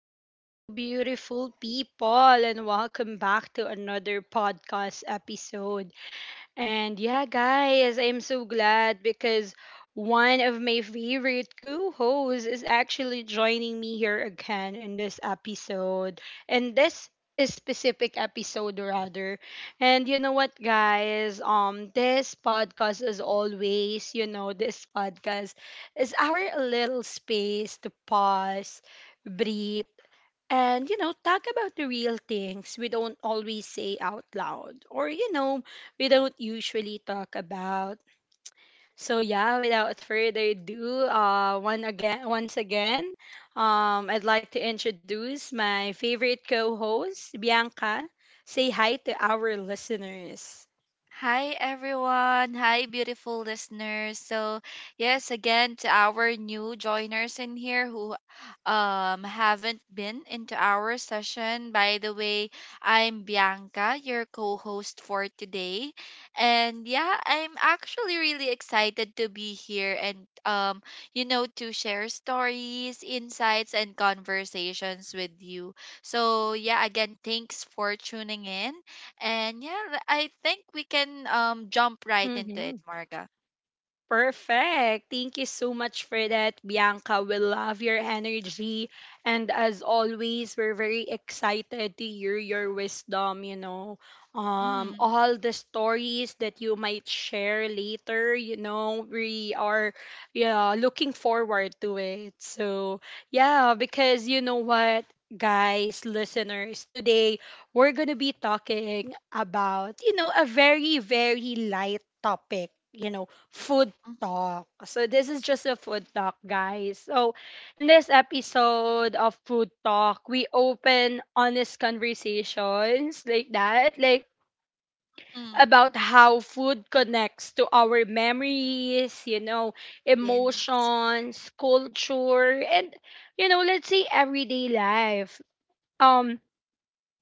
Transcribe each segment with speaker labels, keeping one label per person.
Speaker 1: Hello, beautiful people, and welcome back to another podcast episode. And yeah, guys, I'm so glad because one of my favorite co-hosts is actually joining me here again in this episode. And this is specific episode rather. And you know what, guys? This podcast is always, this podcast is our little space to pause, breathe and, talk about the real things we don't always say out loud or, we don't usually talk about. So, yeah, without further ado, once again, I'd like to introduce my favorite co host, Bianca. Say hi to our listeners.
Speaker 2: Hi everyone. Hi beautiful listeners. So, yes, again to our new joiners in here who haven't been into our session. By the way, I'm Bianca, your co-host for today. And yeah, I'm actually really excited to be here and you know to share stories, insights and conversations with you. So, yeah, again, thanks for tuning in and yeah, I think we can jump right into
Speaker 1: Mm-hmm.
Speaker 2: it, Marga.
Speaker 1: Perfect. Thank you so much for that, Bianca. We love your energy. And as always, we're very excited to hear your wisdom. Um,
Speaker 2: Mm-hmm.
Speaker 1: all the stories that you might share later, we are yeah, looking forward to it. So, yeah, because you know what? Guys, listeners, today we're going to be talking about, a very, very light topic, you know, food
Speaker 2: Mm-hmm.
Speaker 1: talk. So this is just a food talk, guys. So in this episode of food talk, we open honest conversations like that, like
Speaker 2: Mm-hmm.
Speaker 1: about how food connects to our memories,
Speaker 2: Yes.
Speaker 1: emotions, culture, and let's say everyday life. Um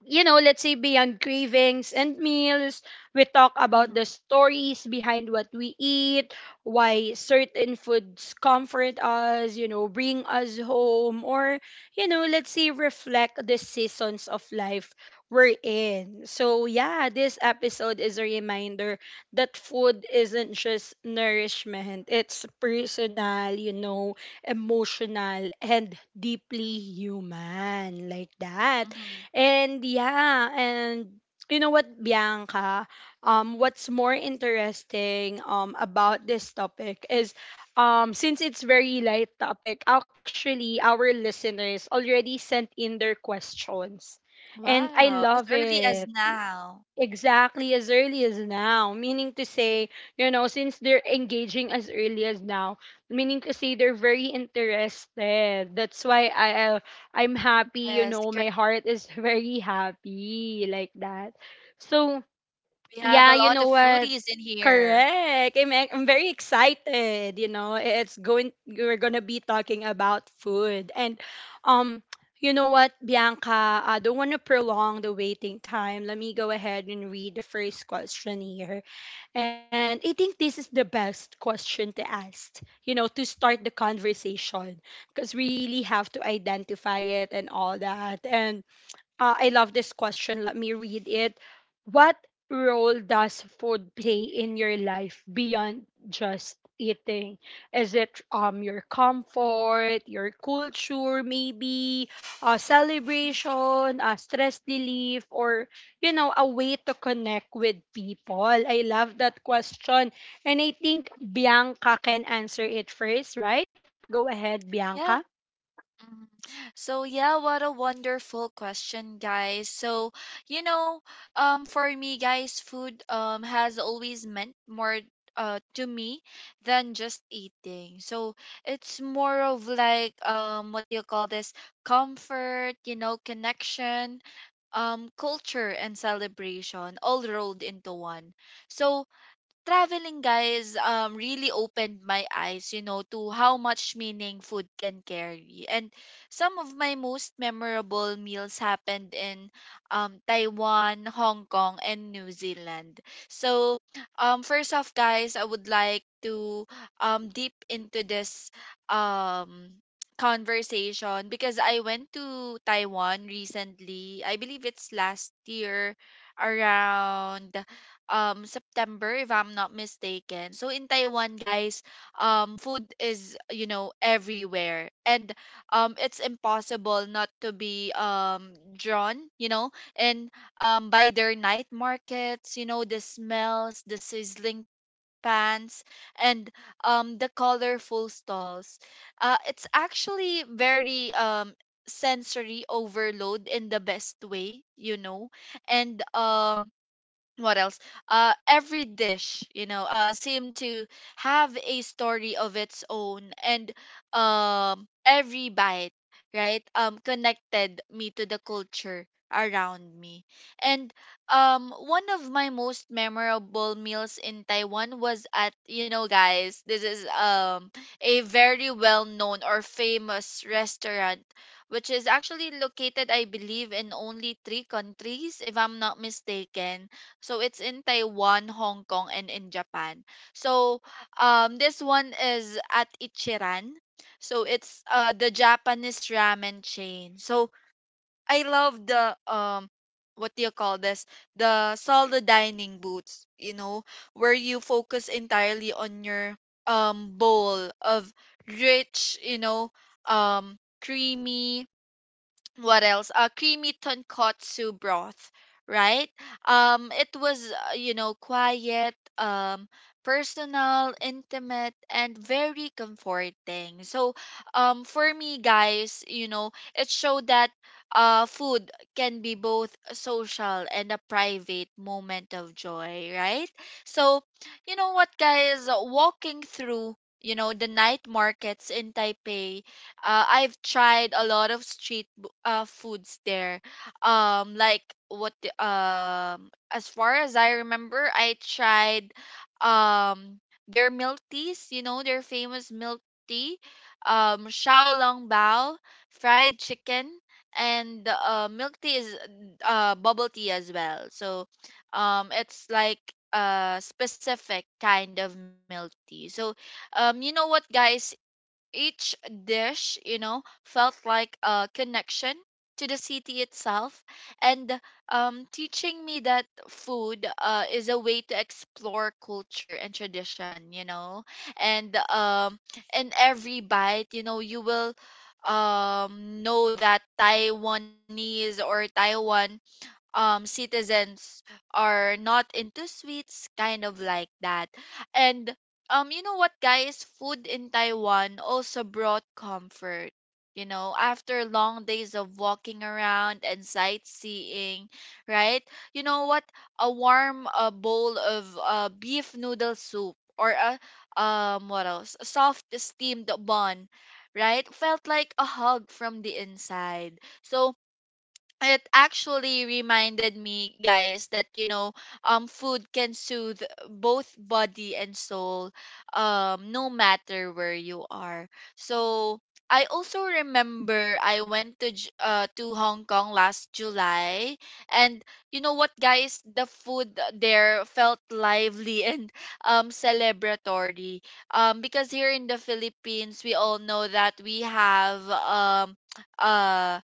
Speaker 1: let's say beyond cravings and meals, we talk about
Speaker 2: Mm-hmm.
Speaker 1: the stories behind what we eat, why certain foods comfort us, bring us home, or, let's say reflect the seasons of life we're in. So, yeah, this episode is a reminder that food isn't just nourishment, it's personal, emotional, and deeply human, like that.
Speaker 2: Mm-hmm.
Speaker 1: And yeah, and you know what, Bianca? What's more interesting about this topic is since it's very light topic, actually our listeners already sent in their questions. And I
Speaker 2: Wow.
Speaker 1: love
Speaker 2: As early
Speaker 1: it.
Speaker 2: as now.
Speaker 1: Exactly, as early as now. Meaning to say, since they're engaging as early as now, meaning to say they're very interested. That's why
Speaker 2: Yes,
Speaker 1: I
Speaker 2: cor-
Speaker 1: uh, I'm happy, my heart is very happy like that.
Speaker 2: we have a lot of
Speaker 1: So
Speaker 2: foodies in
Speaker 1: yeah, you
Speaker 2: here.
Speaker 1: know what? Correct. I'm very excited. You know, it's going. We're gonna be talking about food, and um, you know what, Bianca? I don't want to prolong the waiting time. Let me go ahead and read the first question here, and I think this is the best question to ask. You know, to start the conversation because we really have to identify it and all that, and I love this question. Let me read it. What role does food play in your life beyond just eating? Is it your comfort, your culture, maybe a
Speaker 2: Mhm.
Speaker 1: celebration, a stress relief, or a way to connect with people? I love that question, and I think Bianca can answer it first, right? Go ahead, Bianca.
Speaker 2: Yeah. Mm. So yeah, what a wonderful question, guys. So, you know, for me guys, food has always meant more to me than just eating. So, it's more of like what do you call this? Comfort, you know, connection, culture and celebration all rolled into one. So, traveling guys really opened my eyes you know to how much meaning food can carry and some of my most memorable meals happened in Taiwan, Hong Kong and New Zealand. So first off guys, I would like to deep into this um conversation because I went to Taiwan recently. I believe it's last year around September if I'm not mistaken. So in Taiwan, guys, food is, you know, everywhere and it's impossible not to be drawn, you know, and by their night markets, you know, the smells, the sizzling pans and the colorful stalls. It's actually very sensory overload in the best way, you know. And what else? Every dish, you know, seemed to have a story of its own, and every bite, right, connected me to the culture around me. And one of my most memorable meals in Taiwan was at, you know, guys, this is a very well known or famous restaurant, which is actually located, I believe, in only three countries, if I'm not mistaken, so it's in Taiwan, Hong Kong, and in Japan. So this one is at Ichiran. So it's the Japanese ramen chain. So I love the what do you call this? The solo dining booths. You know, where you focus entirely on your bowl of rich, you know, creamy, what else? Creamy tonkotsu broth, right? It was you know, quiet, personal, intimate, and very comforting. So, for me, guys, you know, it showed that food can be both social and a private moment of joy, right? So, you know what, guys, walking through, you know, the night markets in Taipei. I've tried a lot of street foods there. Like as far as I remember, I tried um their milk teas, you know, their famous milk tea, Xiaolong Bao, fried chicken, and milk tea is bubble tea as well. So it's like a specific kind of milk tea. So you know what guys, each dish, you know, felt like a connection to the city itself, and teaching me that food is a way to explore culture and tradition, you know. And in every bite, you know, you will know that Taiwanese or Taiwan citizens are not into sweets kind of like that, and you know what guys, food in Taiwan also brought comfort, you know, after long days of walking around and sightseeing, right? You know what, a warm, a bowl of beef noodle soup or a what else, a soft steamed bun, right, felt like a hug from the inside. So it actually reminded me guys that you know food can soothe both body and soul, no matter where you are. So I also remember I went to to Hong Kong last July, and you know what guys, the food there felt lively and celebratory, because here in the Philippines we all know that we have uh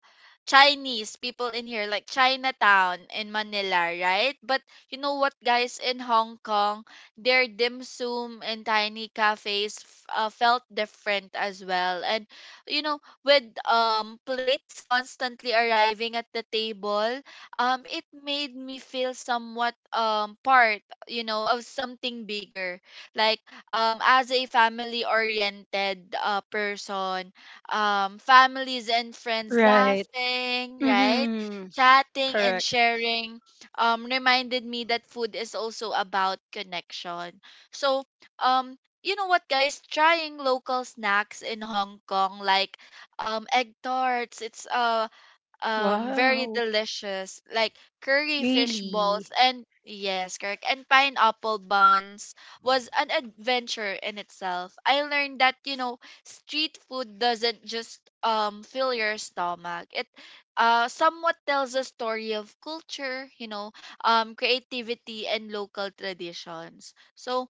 Speaker 2: Chinese people in here, like Chinatown in Manila, right? But you know what, guys, in Hong Kong, their dim sum and tiny cafes felt different as well. And you know, with plates constantly arriving at the table, it made me feel somewhat part, you know, of something bigger. Like as a family-oriented person, families and friends
Speaker 1: Right.
Speaker 2: laughing, right?
Speaker 1: Mm-hmm.
Speaker 2: Chatting and
Speaker 1: Correct.
Speaker 2: sharing, reminded me that food is also about connection. So, um, you know what, guys? Trying local snacks in Hong Kong like egg tarts. It's very
Speaker 1: Wow.
Speaker 2: delicious, like curry fish balls
Speaker 1: Really?
Speaker 2: and, yes, correct, and pineapple buns, was an adventure in itself. I learned that you know, street food doesn't just fill your stomach, it somewhat tells a story of culture, you know, creativity and local traditions. So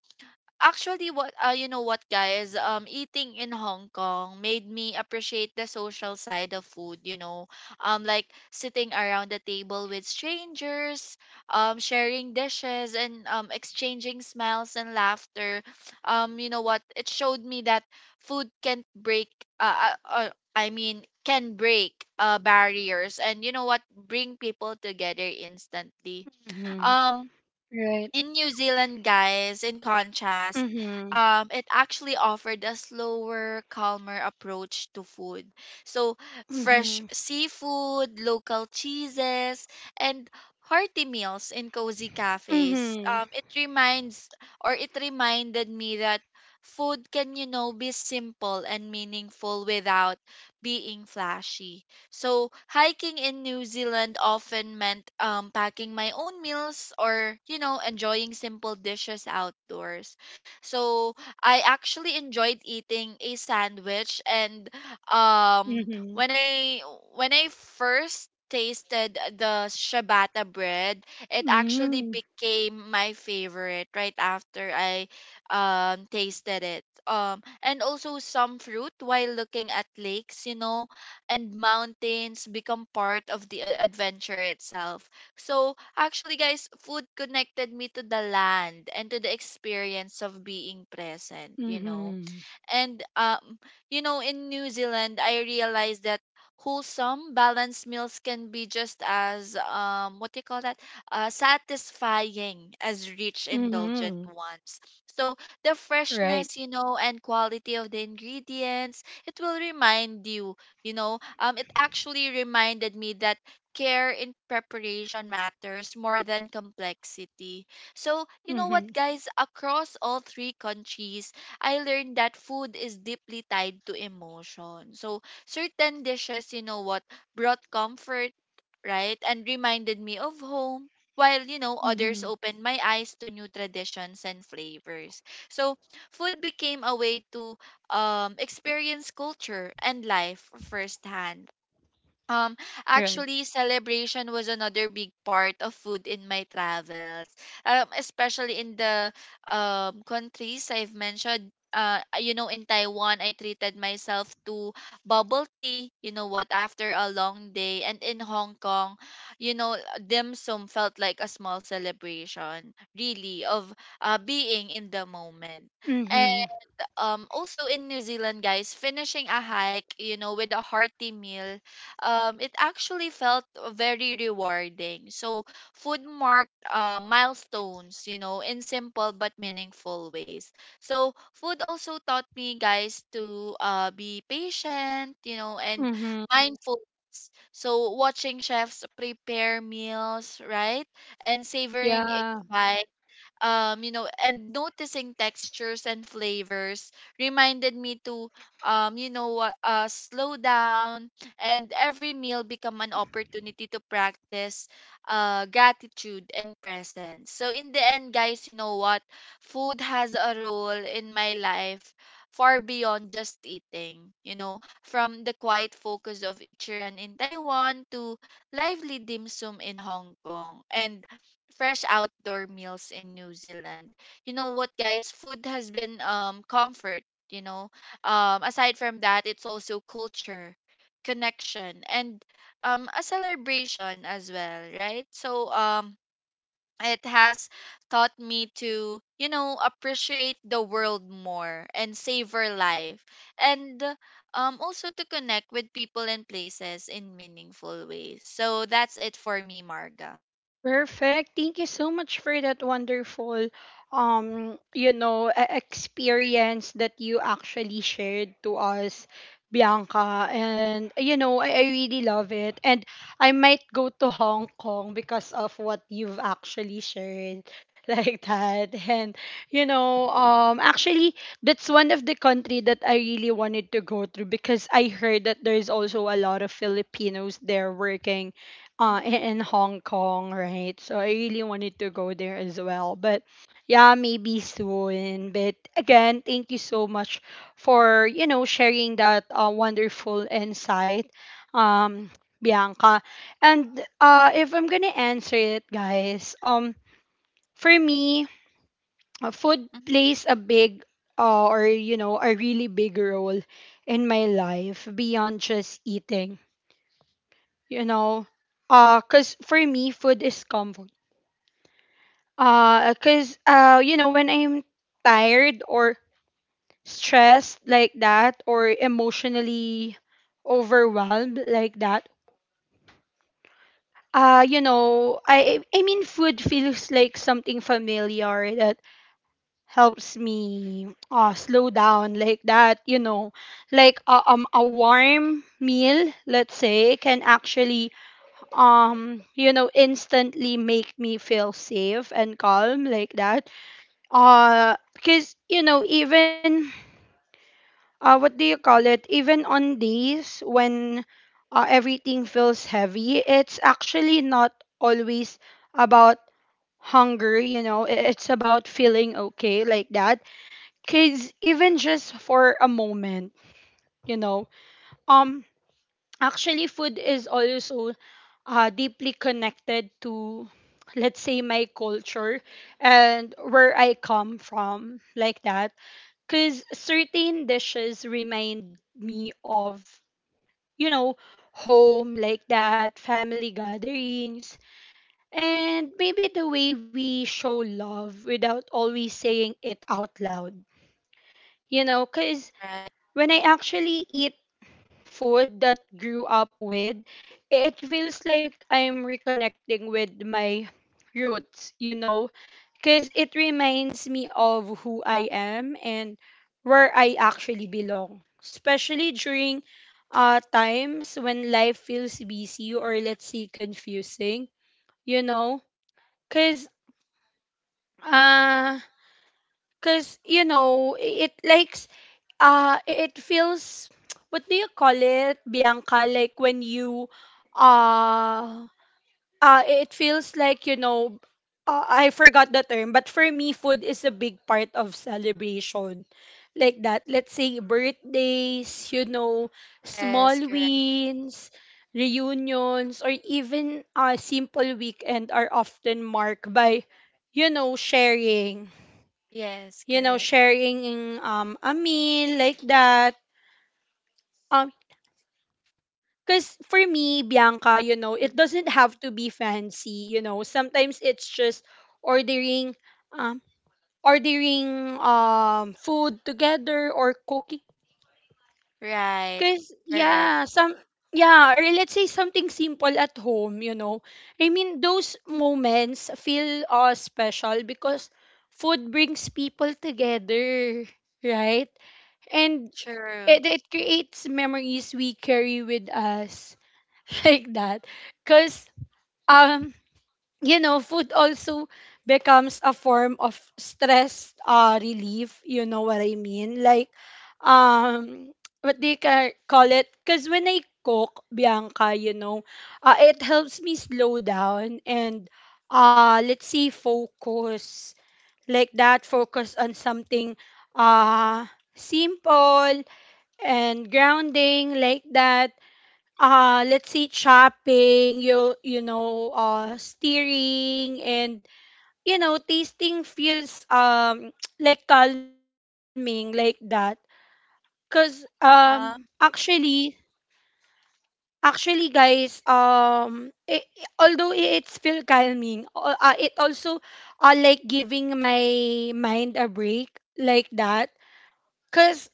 Speaker 2: actually, what you know what guys, eating in Hong Kong made me appreciate the social side of food, you know. Like sitting around the table with strangers, sharing dishes and exchanging smiles and laughter. You know what, it showed me that food can't break uh, uh, uh I mean can break barriers and, you know what, bring people together instantly.
Speaker 1: Mhm.
Speaker 2: Um
Speaker 1: Right.
Speaker 2: in New Zealand, guys, in contrast,
Speaker 1: Mhm.
Speaker 2: it actually offered a slower, calmer approach to food. So, fresh
Speaker 1: Mhm.
Speaker 2: seafood, local cheeses, and hearty meals in cozy cafes.
Speaker 1: Mhm.
Speaker 2: It reminds or it reminded me that food can, you know, be simple and meaningful without being flashy. So hiking in New Zealand often meant packing my own meals or, you know, enjoying simple dishes outdoors. So I actually enjoyed eating a sandwich, and um when
Speaker 1: Mhm.
Speaker 2: I when I first tasted the ciabatta bread, it actually
Speaker 1: Mhm.
Speaker 2: became my favorite right after I tasted it. Um, and also some fruit while looking at lakes, you know, and mountains, become part of the adventure itself. So, actually, guys, food connected me to the land and to the experience of being present, you know,
Speaker 1: Mhm.
Speaker 2: and you know, in New Zealand, I realized that wholesome, balanced meals can be just as what do you call that? Satisfying as rich, indulgent
Speaker 1: Mhm.
Speaker 2: ones. So the
Speaker 1: Right.
Speaker 2: freshness, you know, and quality of the ingredients, it will remind you, you know, it actually reminded me that care in preparation matters more than complexity. So, you know what,
Speaker 1: Mhm.
Speaker 2: guys, across all three countries, I learned that food is deeply tied to emotion. So certain dishes, you know what, brought comfort, right, and reminded me of home. While, you know, others
Speaker 1: Mhm.
Speaker 2: opened my eyes to new traditions and flavors. So food became a way to experience culture and life firsthand. um,
Speaker 1: Right.
Speaker 2: Actually, celebration was another big part of food in my travels. Especially in the countries I've mentioned. You know, in Taiwan, I treated myself to bubble tea, you know what, after a long day, and in Hong Kong, you know, dim sum felt like a small celebration, really, of being in the moment.
Speaker 1: Mhm.
Speaker 2: Also in New Zealand guys, finishing a hike, you know, with a hearty meal, it actually felt very rewarding. So food marked milestones, you know, in simple but meaningful ways. So food also taught me guys to be patient, you know, and
Speaker 1: Mhm.
Speaker 2: mindful. So watching chefs prepare meals, right, and savoring each
Speaker 1: Yeah.
Speaker 2: bite, you know, and noticing textures and flavors, reminded me to you know what, slow down, and every meal become an opportunity to practice gratitude and presence. So in the end guys, you know what, food has a role in my life far beyond just eating, you know, from the quiet focus of Ichiran in Taiwan to lively dim sum in Hong Kong and fresh outdoor meals in New Zealand. You know what, guys? Food has been comfort. You know, aside from that, it's also culture, connection, and a celebration as well, right? So it has taught me to you know appreciate the world more and savor life, and also to connect with people and places in meaningful ways. So that's it for me, Marga.
Speaker 1: Perfect. Thank you so much for that wonderful you know experience that you actually shared to us Bianca and you know I really love it and I might go to Hong Kong because of what you've actually shared like that and actually that's one of the country that I really wanted to go through because I heard that there's also a lot of Filipinos there working
Speaker 2: Mm.
Speaker 1: in Hong Kong, right? So I really wanted to go there as well. But yeah, maybe soon. But again, thank you so much for, sharing that wonderful insight, um, Bianca. And if I'm gonna answer it, guys, for me, food plays a big or you know a really big role in my life beyond just eating you know uh cuz for me food is comfort cuz you know when I'm tired or stressed like that or emotionally overwhelmed like that you know I mean food feels like something familiar that helps me slow down like that you know like a warm meal let's say can actually you know instantly make me feel safe and calm like that because you know even what do you call it even on days when everything feels heavy it's actually not always about hunger you know it's about feeling okay like that because even just for a moment you know um actually food is also deeply connected to let's say my culture and where I come from like that because certain dishes remind me of you know home like that family gatherings and maybe the way we show love without always saying it out loud you know because
Speaker 2: Mhm.
Speaker 1: when I actually eat food that grew up with, it feels like I'm reconnecting with my roots, you know, because it reminds me of who I am and where I actually belong, especially during times when life feels busy or let's say confusing, you know, because uh, Cause you know, it likes it feels what do you call it, Bianca? Like when you uh it feels like, you know, I forgot the term, but for me food is a big part of celebration. Like that. Let's say birthdays, you know,
Speaker 2: Yes,
Speaker 1: small
Speaker 2: correct.
Speaker 1: wins, reunions, or even a simple weekend are often marked by, you know, sharing
Speaker 2: Yes,
Speaker 1: you know,
Speaker 2: correct.
Speaker 1: sharing a meal like that. Um, because for me, Bianca, you know, it
Speaker 2: True.
Speaker 1: doesn't have to be fancy. You know, sometimes it's just ordering, um, ordering food together or cooking.
Speaker 2: Right.
Speaker 1: Cause
Speaker 2: Correct.
Speaker 1: yeah, some yeah, or let's say something simple at home. You know, I mean those moments feel special because food brings people together, right? And
Speaker 2: True.
Speaker 1: it creates memories we carry with us like that because um you know food also becomes a form of stress relief you know what I mean like um what they call it because when I cook bianca you know it helps me slow down and let's say focus like that focus on something uh simple and grounding like that. Let's see, chopping, you know, steering, and you know, tasting feels like calming like that. Cause um
Speaker 2: Uh-huh.
Speaker 1: actually actually guys um it, although it's feel calming, it also like giving my mind a break like that. Cause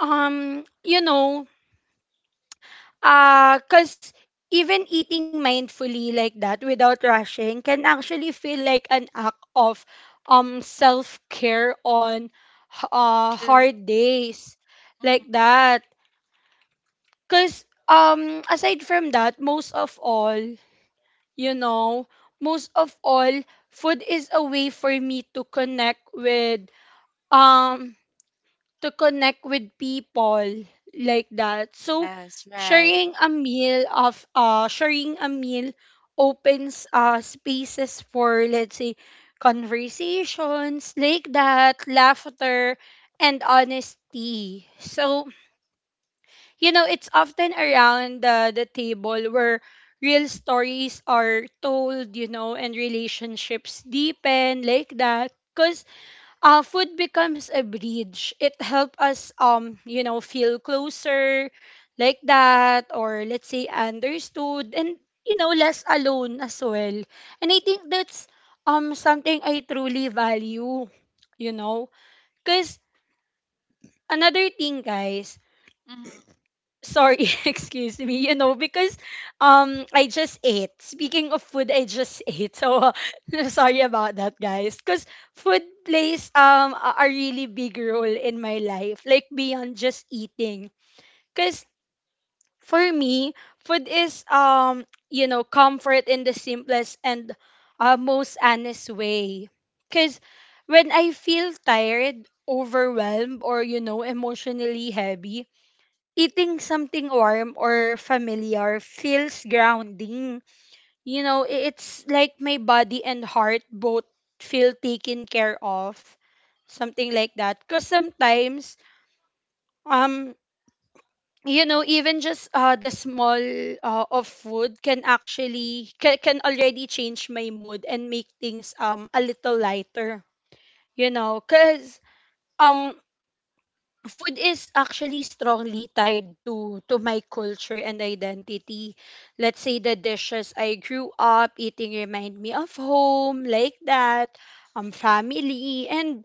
Speaker 1: you know cause even eating mindfully like that without rushing can actually feel like an act of self care on
Speaker 2: True.
Speaker 1: hard days like
Speaker 2: Hmm.
Speaker 1: that. Cause aside from that, you know, most of all, food is a way for me to um connect with people like that. So
Speaker 2: Yes, right.
Speaker 1: sharing a meal opens spaces for let's say conversations like that, laughter and honesty. So, you know, it's often around the table where real stories are told, you know, and relationships deepen like that. Cause food becomes a bridge. It helps us, you know, feel closer like that, or let's say understood, and you know, less alone as well. And I think that's something I truly value, you know, because another thing, guys,
Speaker 2: Hmm.
Speaker 1: sorry, excuse me, you know, because I just ate. Speaking of food, I just ate. So sorry about that, guys. Cuz food plays a really big role in my life, like beyond just eating. Cuz for me, food is you know, comfort in the simplest and most honest way. Cuz when I feel tired, overwhelmed or you know, emotionally heavy, eating something warm or familiar feels grounding. You know, it's like my body and heart both feel taken care of. Something like that. Because sometimes, um, you know, even just the small of food can actually can already change my mood and make things a little lighter. You know, cause um food is actually strongly tied to my culture and identity. Let's say the dishes I grew up eating remind me of home, like that, family, and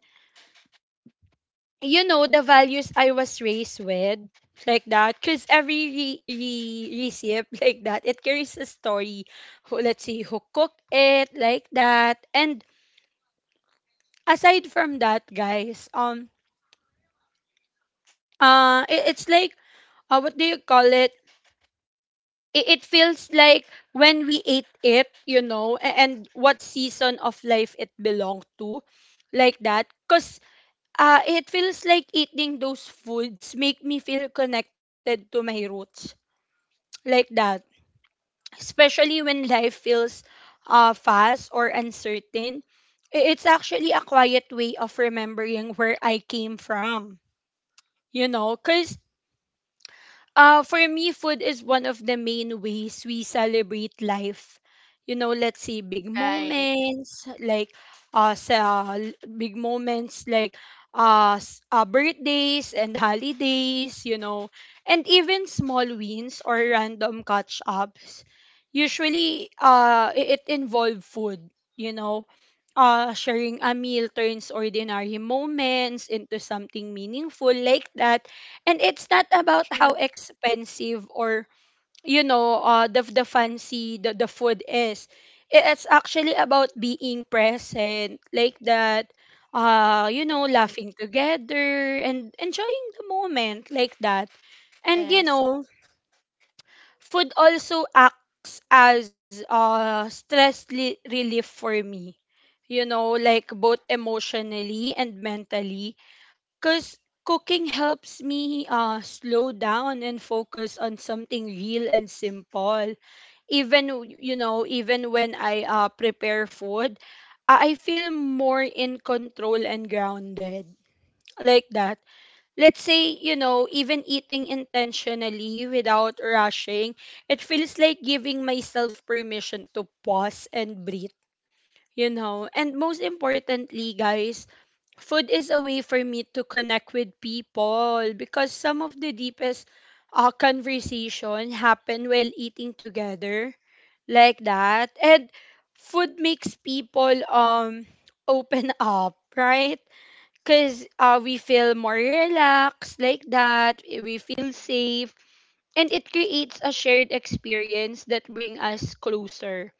Speaker 1: you know the values I was raised with, like that. Cause every recipe like that, it carries a story. Who, let's see who cooked it, like that. And aside from that, guys, it's like what do you call it? It feels like when we ate it, you know, and what season of life it belonged to, like that. Because it feels like eating those foods make me feel connected to my roots, like that. Especially when life feels fast or uncertain. It's actually a quiet way of remembering where I came from, you know, because for me, food is one of the main ways we celebrate life. You know, let's say big
Speaker 2: Right.
Speaker 1: moments like big moments like birthdays and holidays, you know, and even small wins or random catch ups. Usually, it involve food. You know,
Speaker 2: Mhm.
Speaker 1: sharing a meal turns ordinary moments into something meaningful like that. And it's not about how
Speaker 2: True.
Speaker 1: expensive or, you know, the fancy the food is. It's actually about being present like that. You know,
Speaker 2: Correct.
Speaker 1: laughing together and enjoying the moment like that. And you
Speaker 2: Yes.
Speaker 1: know, food also acts as stress relief for me. You know, like both emotionally and mentally. Because cooking helps me slow down and focus on something real and simple. You know, even when I prepare food, I feel more in control and grounded. Like that, let's say, you know, even eating intentionally without rushing, it feels like giving myself permission to pause and breathe, you know. And most importantly, guys, food is a way for me to connect with people because some of the deepest conversation happen while eating together like that. And food makes people open up, right? Because we feel more relaxed like that, we feel safe, and it creates a shared experience that bring us closer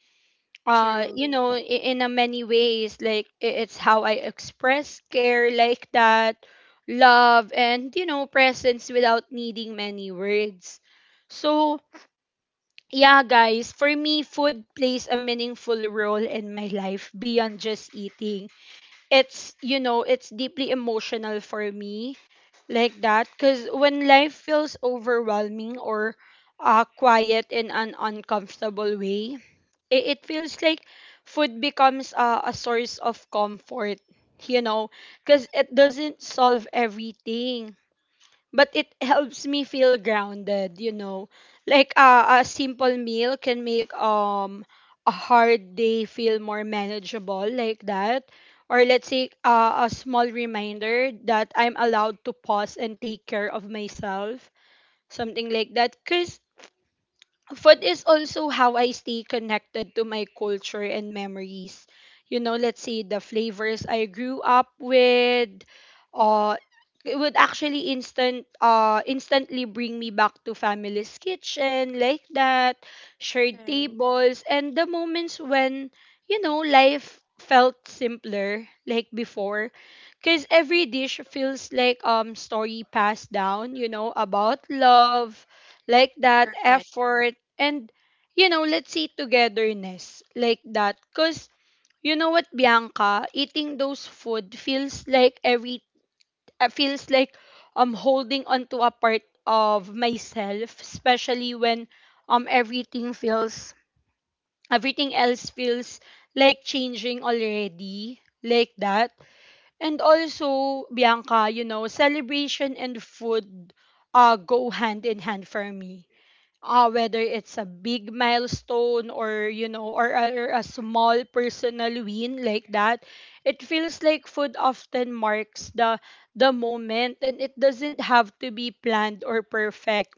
Speaker 2: True.
Speaker 1: in a many ways, like it's how I express care like that, love and you know presence without needing many words. So yeah guys, for me food plays a meaningful role in my life beyond just eating. It's you know it's deeply emotional for me like that, because when life feels overwhelming or quiet in an uncomfortable way, it feels like food becomes a source of comfort, you know, because it doesn't solve everything but it helps me feel grounded, you know. Like a simple meal can make a hard day feel more manageable like that, or let's say a small reminder that I'm allowed to pause and take care of myself, something like that. Because food is also how I stay connected to my culture and memories. You know, let's say the flavors I grew up with, uh, it would actually instantly bring me back to family's kitchen like that, shared
Speaker 2: Right.
Speaker 1: tables and the moments when you know life felt simpler like before, because every dish feels like story passed down, you know, about love like that,
Speaker 2: Correct.
Speaker 1: effort, and, you know, let's see togetherness like that. Because, you know what, Bianca, eating those food feels like feels like I'm holding onto a part of myself, especially when um everything feels, everything else feels like changing already, like that. And also, Bianca, you know, celebration and food go hand in hand for me, whether it's a big milestone or you know or a small personal win like that. It feels like food often marks the moment, and it doesn't have to be planned or perfect,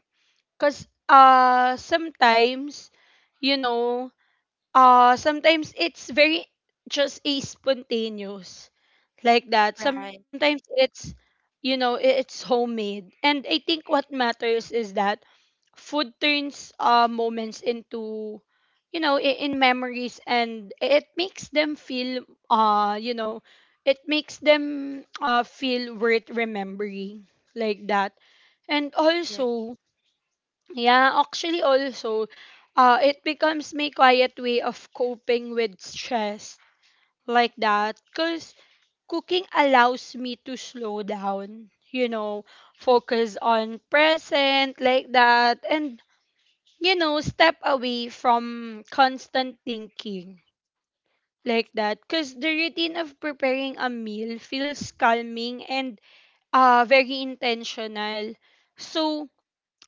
Speaker 1: because sometimes you know sometimes it's very just a spontaneous like that, sometimes
Speaker 2: Right.
Speaker 1: it's homemade, and I think what matters is that food turns moments into in memories, and it makes them feel uh you know it makes them feel worth remembering like that. And
Speaker 2: Yes.
Speaker 1: also, yeah, actually also it becomes my quiet way of coping with stress
Speaker 2: Mhm.
Speaker 1: like that, because cooking allows me to slow down, you know, focus on present like that, and you know, step away from constant thinking like that. Because the routine of preparing a meal feels calming and very intentional. So,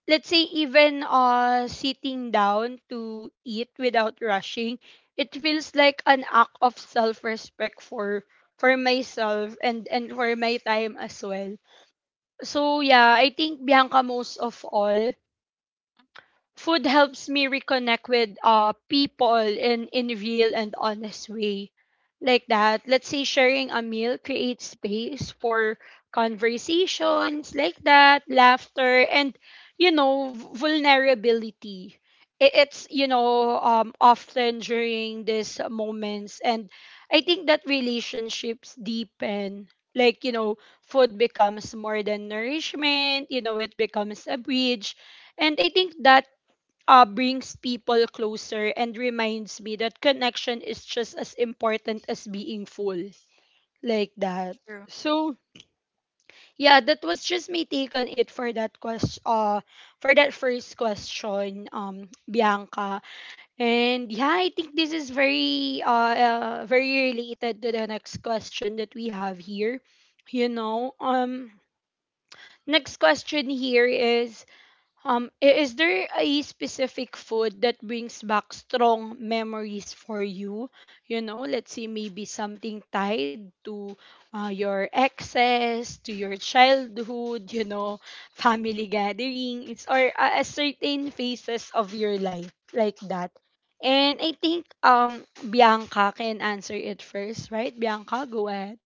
Speaker 1: let's say even sitting down to eat without rushing, it feels like an act of self-respect for myself and for my time as well. So yeah, I think, Bianca, most of all food helps me reconnect with people in real and honest way like that. Let's say sharing a meal creates space for conversations like that, laughter, and you know vulnerability. It's you know often during these moments, and I think that relationships deepen, like you know food becomes more than nourishment, you know it becomes a bridge, and I think that brings people closer and reminds me that connection is just as important as being full like that.
Speaker 2: True.
Speaker 1: So yeah, that was just me take on it for that question, for that first question, Bianca. And yeah, I think this is very very related to the next question that we have here, you know. Next question here is, is there a specific food that brings back strong memories for you? You know, let's say maybe something tied to your exes, to your childhood, you know, family gatherings, or a certain phases of your life like that. And I think Bianca can answer it first, right? Bianca, go ahead.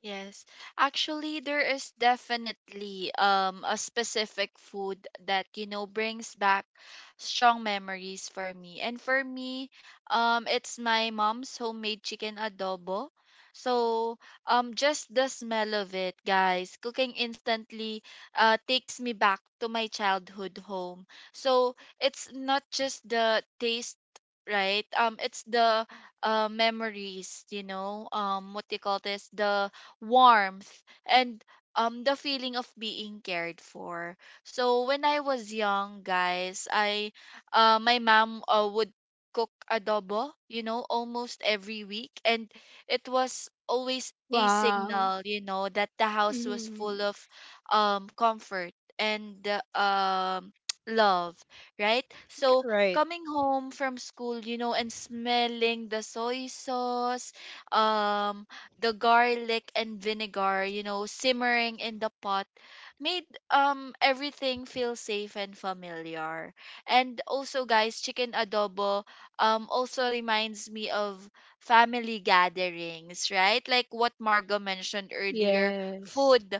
Speaker 2: Yes. Actually, there is definitely a specific food that, you know, brings back strong memories for me. And for me, it's my mom's homemade chicken adobo. So, just the smell of it, guys, cooking, instantly takes me back to my childhood home. So, it's not just the taste, right, it's the memories, you know, what do you call this, the warmth and the feeling of being cared for. So when I was young, guys, I my mom would cook adobo, you know, almost every week, and it was always a
Speaker 1: Wow.
Speaker 2: signal, you know, that the house was
Speaker 1: Mhm.
Speaker 2: full of comfort and love, right? So
Speaker 1: Right.
Speaker 2: coming home from school, you know, and smelling the soy sauce, um the garlic and vinegar, you know, simmering in the pot made everything feel safe and familiar. And also, guys, chicken adobo also reminds me of family gatherings, right? Like what Margo mentioned
Speaker 1: Yes.
Speaker 2: earlier,
Speaker 1: Mm-hmm.
Speaker 2: food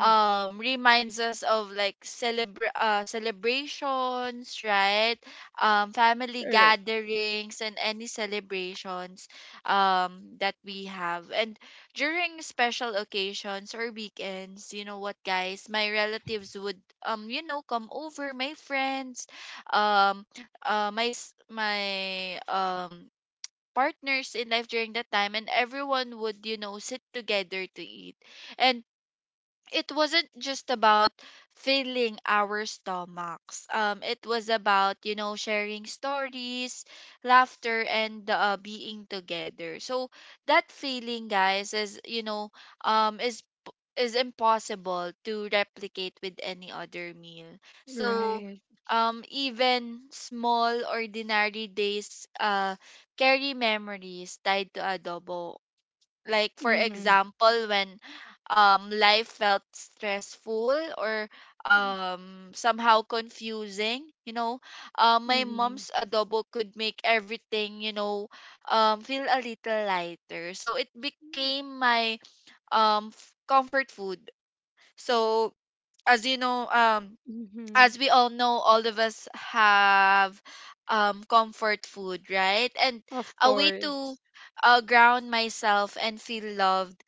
Speaker 2: reminds us of like celebrations, right? Family gatherings and any celebrations that we have, and during special occasions or weekends, you know what, guys, my relatives would, you know, come over, my friends, um, my s- my partners in life during that time, and everyone would, you know, sit together to eat, and it wasn't just about filling our stomachs. It was about, you know, sharing stories, laughter, and being together. So that feeling, guys, is, you know, um is p- is impossible to replicate with any other meal. So
Speaker 1: Right.
Speaker 2: even small ordinary days carry memories tied to adobo, like for
Speaker 1: Mm-hmm.
Speaker 2: example, when life felt stressful or somehow confusing, you know, my
Speaker 1: Mm-hmm.
Speaker 2: mom's adobo could make everything, you know, feel a little lighter. So it became my comfort food. So as you know,
Speaker 1: Mm-hmm.
Speaker 2: as we all know, all of us have comfort food, right? And
Speaker 1: Of
Speaker 2: a way to
Speaker 1: course.
Speaker 2: ground myself and feel loved,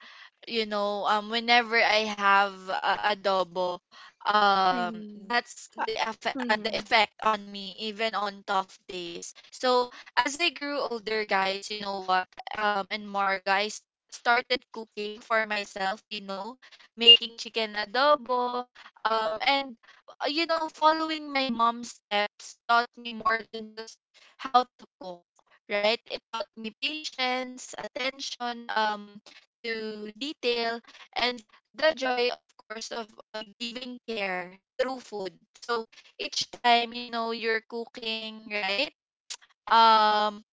Speaker 2: you know, whenever I have adobo, um
Speaker 1: Mm-hmm.
Speaker 2: that's
Speaker 1: Uh,
Speaker 2: the
Speaker 1: mm-hmm.
Speaker 2: effect on me even on tough days. So as I grew older, guys, you know what, and Marga, started cooking for myself, you know, making chicken adobo, and you know, following my mom's steps taught me more than just how to cook, right? It taught me patience, attention to detail, and the joy of course of giving care through food. So each time, you know, you're cooking, right, um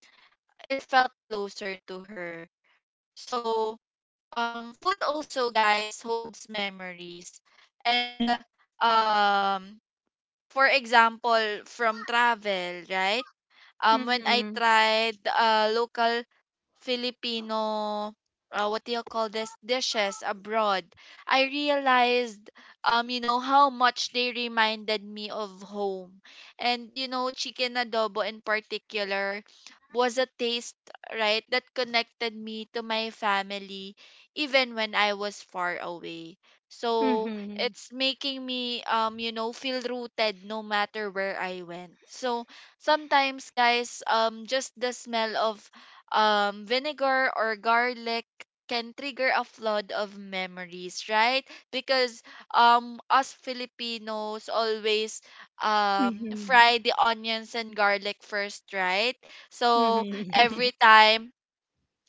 Speaker 2: it felt closer to her. So food also, guys, holds memories and, um for example, from travel, right? When I
Speaker 1: Mm-hmm.
Speaker 2: tried local Filipino what do you call this dishes abroad, I realized you know how much they reminded me of home. And you know, chicken adobo in particular was a taste, right, that connected me to my family even when I was far away. So
Speaker 1: Mm-hmm.
Speaker 2: it's making me, you know, feel rooted no matter where I went. So sometimes, guys, just the smell of vinegar or garlic can trigger a flood of memories, right? Because us Filipinos always
Speaker 1: Mm-hmm.
Speaker 2: fry the onions and garlic first, right? So
Speaker 1: Mm-hmm.
Speaker 2: every time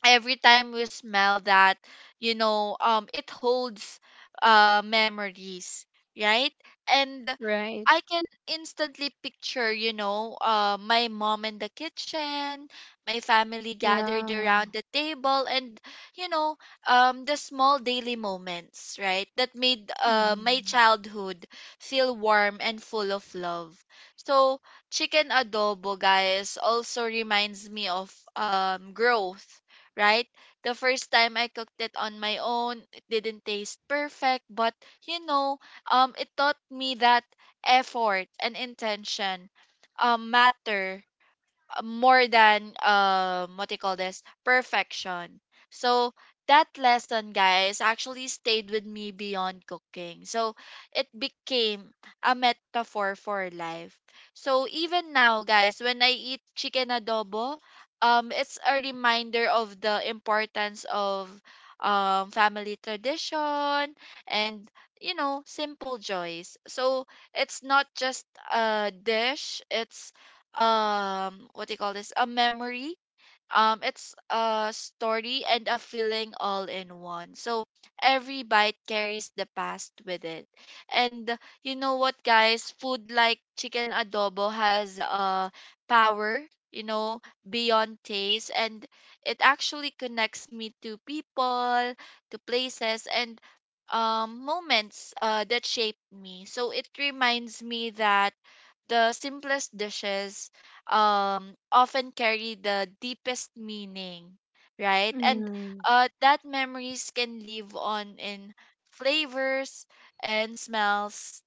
Speaker 2: every time we smell that, you know, it holds memories, right? And
Speaker 1: Right.
Speaker 2: I can instantly picture, you know, my mom in the kitchen, my family gathered
Speaker 1: Yeah.
Speaker 2: around the table, and, you know, the small daily moments, right, that made my
Speaker 1: Mm-hmm.
Speaker 2: childhood feel warm and full of love. So, chicken adobo, guys, also reminds me of growth, right? The first time I cooked it on my own, it didn't taste perfect, but, you know, it taught me that effort and intention matter more than what do you call this perfection. So that lesson, guys, actually stayed with me beyond cooking. So it became a metaphor for life. So even now, guys, when I eat chicken adobo, it's a reminder of the importance of family tradition and, you know, simple joys. So it's not just a dish, it's what do you call this a memory, it's a story and a feeling all in one. So every bite carries the past with it. And you know what, guys, food like chicken adobo has power, you know, beyond taste, and it actually connects me to people, to places, and moments that shaped me. So it reminds me that the simplest dishes often carry the deepest meaning, right? And
Speaker 1: Mm-hmm.
Speaker 2: that memories can live on in flavors and smells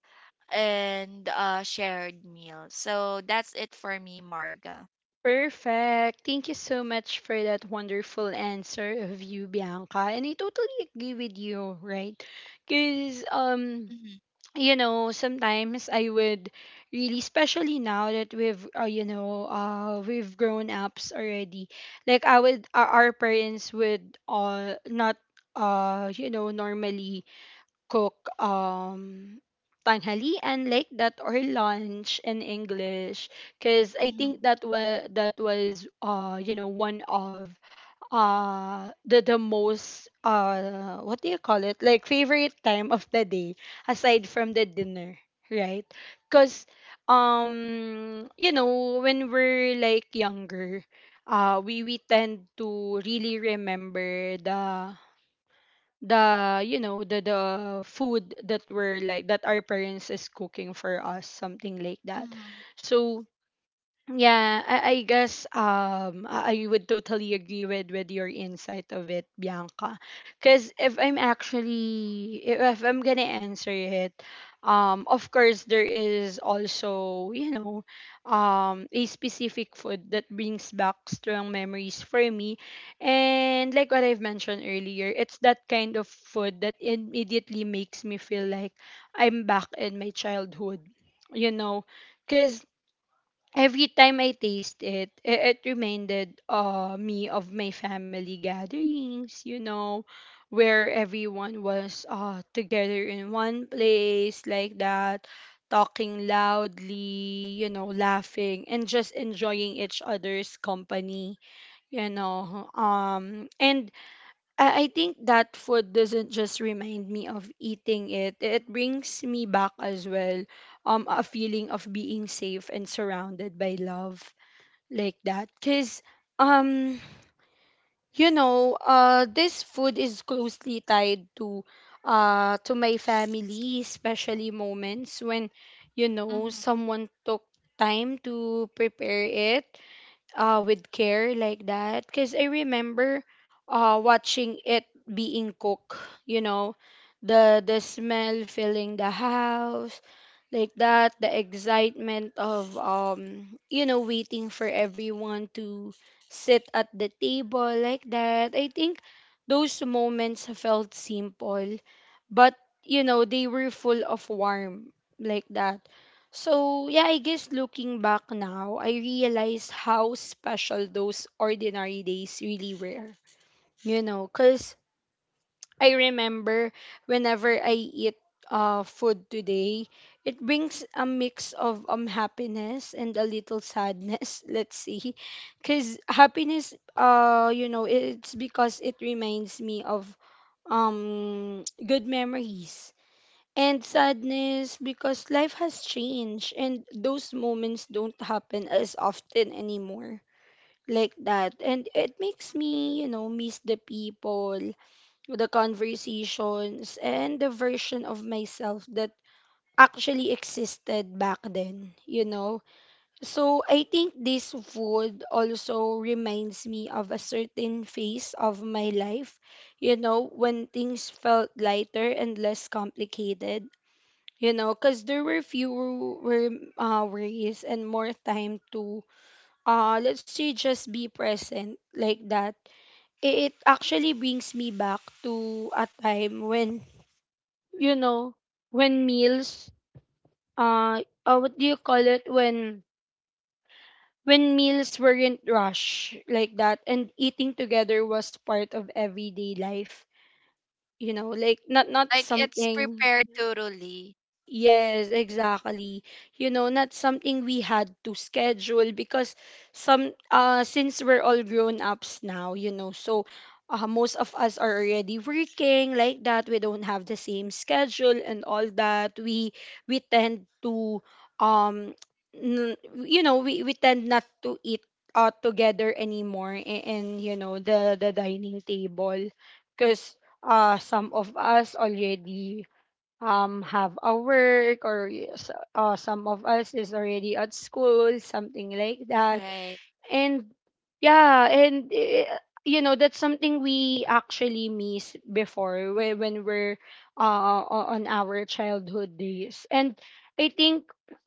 Speaker 2: and shared meals. So that's it for me, Marga.
Speaker 1: Perfect. Thank you so much for that wonderful answer of you, Bianca. And I totally agree with you, right? Because
Speaker 2: Mm-hmm,
Speaker 1: you know, sometimes I would really, especially now that we've grown ups already. Like I would, our parents would not, you know, normally cook tanghalian like that, or lunch in English, because I
Speaker 2: mm-hmm,
Speaker 1: think that was, you know, one of the most what do you call it, like favorite time of the day aside from the dinner, right? Because you know when we're like younger, we tend to really remember the the food that we're like that our parents is cooking for us, something like that.
Speaker 2: mm-hmm,
Speaker 1: So yeah, I guess I would totally agree with your insight of it, Bianca. Because if I'm actually, if I'm gonna answer it, of course there is also you know a specific food that brings back strong memories for me, and like what I've mentioned earlier, it's that kind of food that immediately makes me feel like I'm back in my childhood. You know, because every time I taste it, it reminded me of my family gatherings, you know, where everyone was together in one place like that, talking loudly, you know, laughing and just enjoying each other's company, you know. And I think that food doesn't just remind me of eating it. It brings me back as well a feeling of being safe and surrounded by love like that. Cause um you know this food is closely tied to my family, especially moments when you know
Speaker 2: mm-hmm.
Speaker 1: someone took time to prepare it with care like that, because I remember watching it being cooked, you know, the smell filling the house like that, the excitement of you know waiting for everyone to sit at the table like that. I think those moments felt simple, but you know they were full of warmth like that. So yeah, I guess looking back now I realized how special those ordinary days really were, you know, because I remember whenever I eat food today, it brings a mix of happiness and a little sadness let's see. Because happiness you know it's because it reminds me of good memories, and sadness because life has changed and those moments don't happen as often anymore like that, and it makes me you know miss the people, the conversations, and the version of myself that actually existed back then, you know. So I think this food also reminds me of a certain phase of my life, you know, when things felt lighter and less complicated, you know, because there were fewer worries and more time to let's say just be present like that. It actually brings me back to a time when you know when meals what do you call it when meals weren't rushed like that, and eating together was part of everyday life, you know, like not not
Speaker 2: Like it's
Speaker 1: something.
Speaker 2: prepared thoroughly,
Speaker 1: Yes, exactly. You know, not something we had to schedule because some since we're all grown ups now, you know, so most of us are already working like that. We don't have the same schedule and all that. We tend to um we tend not to eat together anymore in, in the dining table because some of us already have a work or some of us is already at school, something like that.
Speaker 2: right?
Speaker 1: And yeah, you know, that's something we actually miss before when we're on our childhood days. And I think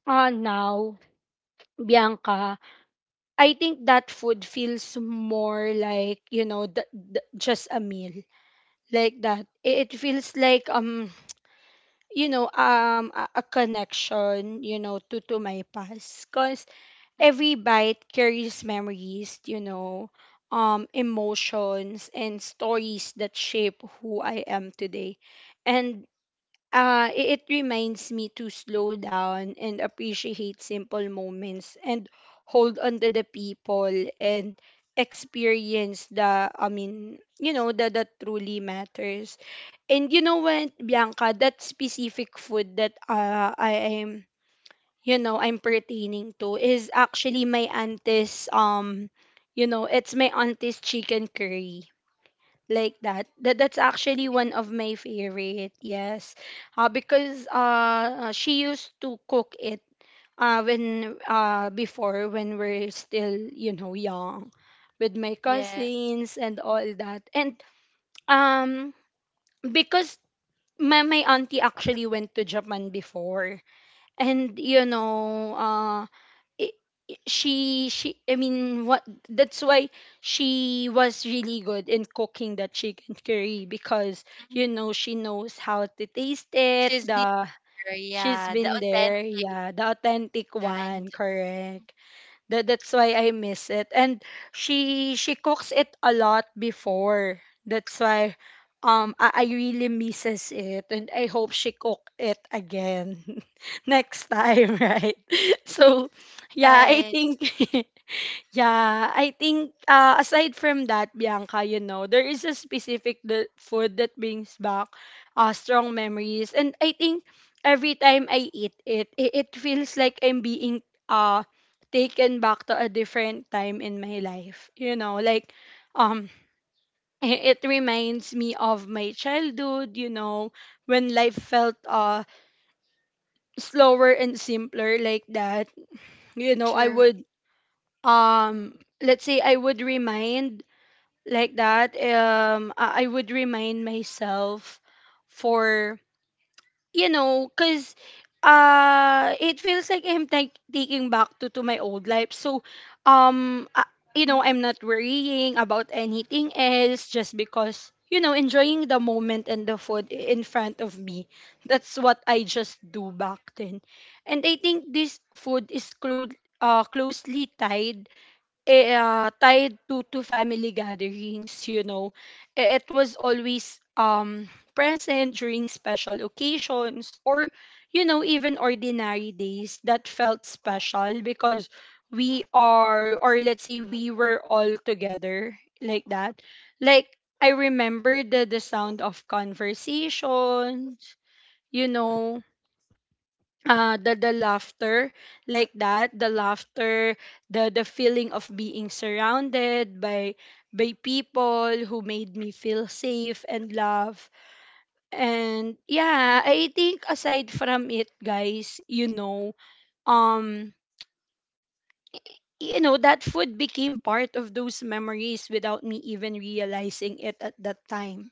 Speaker 1: now, Bianca, I think that food feels more like, you know, just a meal. Like that, it feels like a connection, you know, to my past, because every bite carries memories, you know, emotions and stories that shape who I am today. And it, it reminds me to slow down and appreciate simple moments, and hold on to the people and experience the that truly matters. And you know what, Bianca, that specific food that I am, you know, I'm pertaining to is actually my auntie's, you know, it's my auntie's chicken curry. Like that. That's actually one
Speaker 2: Mhm.
Speaker 1: of my favorite. Yes. Because she used to cook it when before, when we're still, you know, young, with my
Speaker 2: Yeah.
Speaker 1: cousins and all that. And um because my auntie actually went to Japan before, and you know, I I- she I mean, what that's why she was really good in cooking that chicken curry, because you
Speaker 2: Mhm.
Speaker 1: know, she knows how to taste it.
Speaker 2: She's bigger,
Speaker 1: The She's
Speaker 2: yeah. The
Speaker 1: been there,
Speaker 2: authentic,
Speaker 1: yeah, the authentic
Speaker 2: yeah. And.
Speaker 1: one, correct. That that's why I miss it. And she cooks it a lot before. That's why I really misses it, and I hope she cook it again next time, right? So yeah, I
Speaker 2: Right.
Speaker 1: think yeah, I think aside from that, Bianca, you know, there is a specific the food that brings back strong memories. And I think every time I eat it, it, it feels like I'm being uh, taken back to a different time in my life. You know, like um, it, it reminds me of my childhood, you know, when life felt slower and simpler, like that. You know, I
Speaker 2: True.
Speaker 1: would, let's say I would remind like that, I would remind myself for, you know, because it feels like I'm tak taking back to my old life. So um uh, you
Speaker 2: Mhm.
Speaker 1: know, I'm not worrying about anything else, just because, you know, enjoying the moment and the food in front of me. That's what I just do back then. And I think this food is closely tied tied to family gatherings, you know. It was always present during special occasions, or you know, even ordinary days that felt special, because we are, or let's say we were all together like that. Like, I remember the sound of conversations, you know, the laughter, like that, the laughter, the feeling of being surrounded by people who made me feel safe and love. And yeah, I think aside from it, guys, you know, um you know, that food became part of those memories without me even realizing it at that time,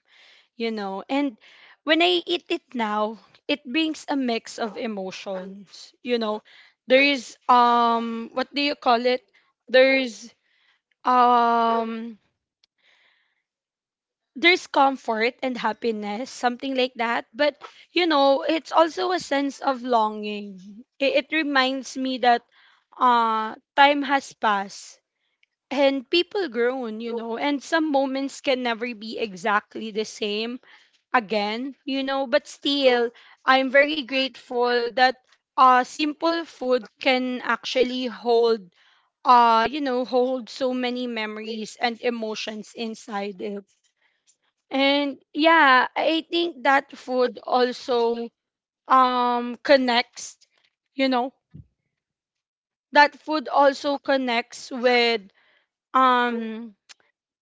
Speaker 1: you know. And when I eat it now, it brings a mix of emotions, you know. There is what do you call it? There's um there's comfort and happiness, something like that. But you know, it's also a sense of longing. It reminds me that time has passed, and people grown, you know, and some moments can never be exactly the same again, you know. But still, I'm very grateful that simple food can actually hold, you know, hold so many memories and emotions inside it. And yeah, I think that food also connects, you know, that food also connects with um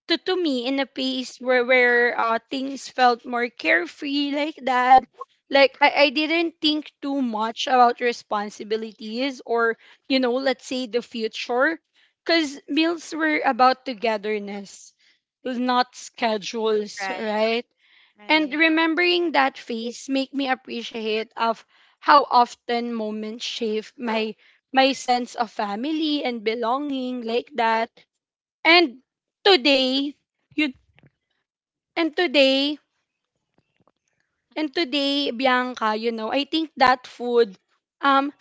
Speaker 1: to me, in a place where where things felt more carefree, like that. Like, I didn't think too much about responsibilities or, you know, let's say the future, because meals were about togetherness, not schedules,
Speaker 2: Right.
Speaker 1: right? And
Speaker 2: Right.
Speaker 1: remembering that phase make me appreciate of how often moments shape my my sense of family and belonging, like that. And today, you and today,
Speaker 2: Mhm.
Speaker 1: and today, Bianca, you know, I think um,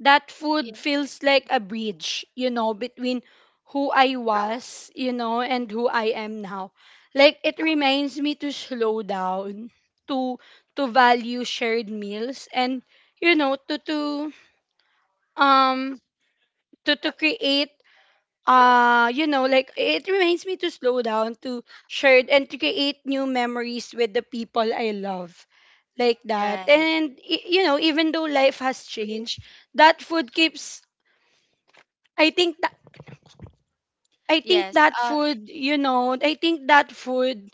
Speaker 1: that food
Speaker 2: Yeah.
Speaker 1: feels like a bridge, you know, between who I was, you know, and who I am now. Like, it reminds me to slow down, to to value shared meals, and you know, um to create you know, like it reminds me to slow down, to share, and to create new memories with the people I love, like that.
Speaker 2: Right.
Speaker 1: And you know, even though life has changed, that food keeps, I think that, I think
Speaker 2: Yes.
Speaker 1: that
Speaker 2: Um.
Speaker 1: food you know I think that food,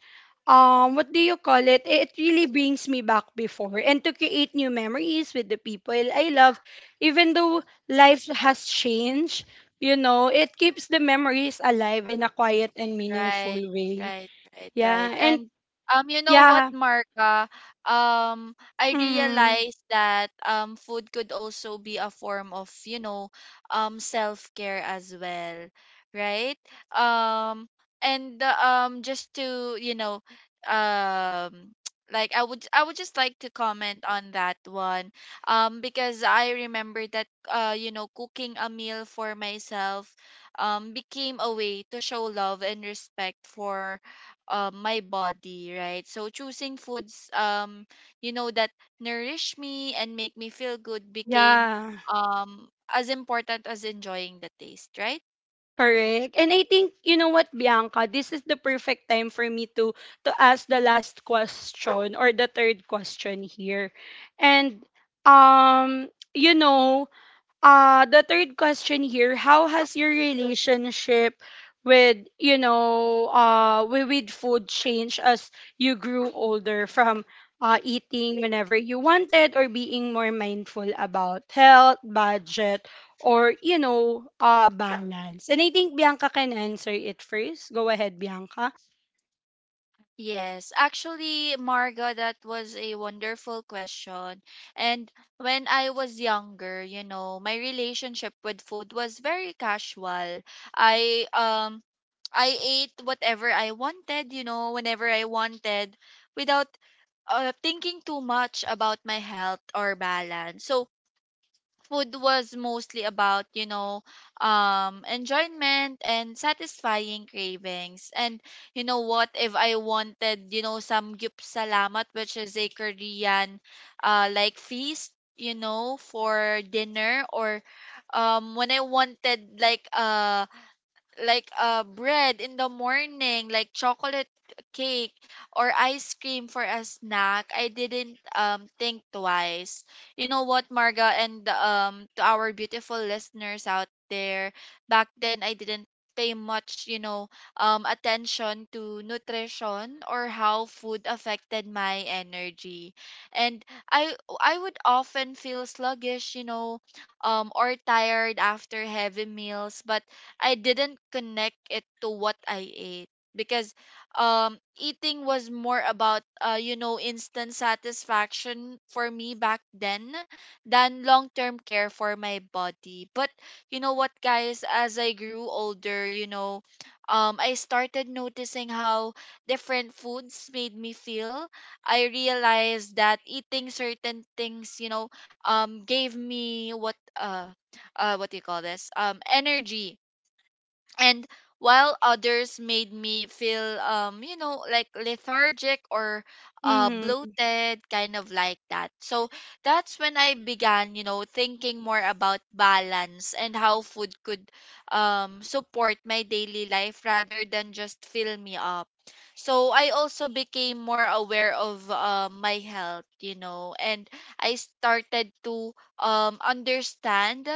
Speaker 1: what do you call it, it really brings me back before, and to create new memories with the people I love, even though life has changed, you know, it keeps the memories alive in a quiet and meaningful
Speaker 2: Right.
Speaker 1: way.
Speaker 2: Right. Right.
Speaker 1: Yeah.
Speaker 2: Right.
Speaker 1: And
Speaker 2: And you know what,
Speaker 1: yeah.
Speaker 2: Marka? I
Speaker 1: Mm,
Speaker 2: realized that food could also be a form of, you know, self care as well, right? Um, and just to, you know, um. I would just like to comment on that one, because I remember that, you know, cooking a meal for myself became a way to show love and respect for my body, right? So choosing foods, you know, that nourish me and make me feel good became
Speaker 1: yeah,
Speaker 2: as important as enjoying the taste, right?
Speaker 1: correct. And I think, you know what, Bianca, this is the perfect time for me to ask the last question, or the third question here. And you know, the third question here, how has your relationship with, you know, with food changed as you grew older? From eating whenever you wanted, or being more mindful about health, budget, or you know, balance? And I think Bianca can answer it first. Go ahead, Bianca.
Speaker 2: Yes, actually, Marga, that was a wonderful question. And when I was younger, you know, my relationship with food was very casual. I um I ate whatever I wanted, you know, whenever I wanted without thinking too much about my health or balance. So food was mostly about, you know, enjoyment and satisfying cravings. And you know what, if I wanted, you know, some gyup salamat, which is a Korean like feast, you know, for dinner, or when I wanted like, bread in the morning, like chocolate cake or ice cream for a snack, I didn't think twice. You know what, Marga, and to our beautiful listeners out there, back then I didn't pay much, you know, attention to nutrition or how food affected my energy. And I would often feel sluggish, you know, or tired after heavy meals, but I didn't connect it to what I ate, because eating was more about, you know, instant satisfaction for me back then than long-term care for my body. But you know what, guys, as I grew older, you know, I started noticing how different foods made me feel. I realized that eating certain things, you know, gave me what do you call this? Energy, and while others made me feel, you know, like lethargic or
Speaker 1: Mhm.
Speaker 2: bloated kind of like that. So that's when I began, you know, thinking more about balance and how food could support my daily life rather than just fill me up. So I also became more aware of my health, you know, and I started to understand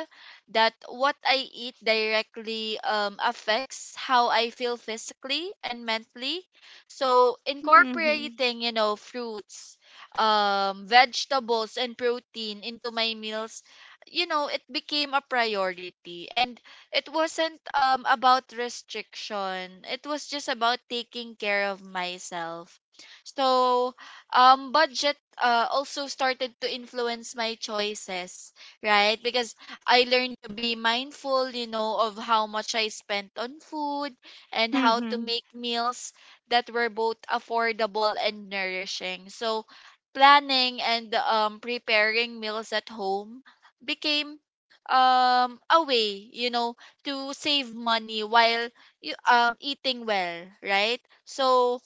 Speaker 2: that what I eat directly affects how I feel physically and mentally. So
Speaker 1: Mhm.
Speaker 2: incorporating, you know, fruits, vegetables, and protein into my meals, you know, it became a priority. And it wasn't about restriction. It was just about taking care of myself. So, budget also started to influence my choices, right? Because I learned to be mindful, you know, of how much I spent on food and how to
Speaker 1: Mhm.
Speaker 2: make meals that were both affordable and nourishing. So planning and preparing meals at home became a way, you know, to save money while you, eating well, right? So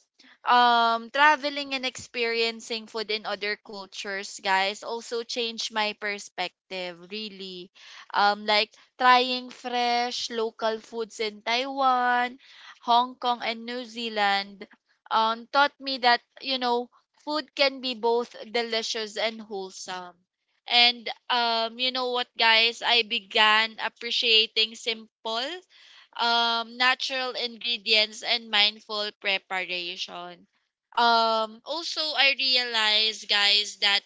Speaker 2: traveling and experiencing food in other cultures, guys, also changed my perspective really. Like trying fresh local foods in Taiwan, Hong Kong, and New Zealand taught me that, you know, food can be both delicious and wholesome. And you know what, guys? I began appreciating simple, natural ingredients and mindful preparation. Also, I realized, guys, that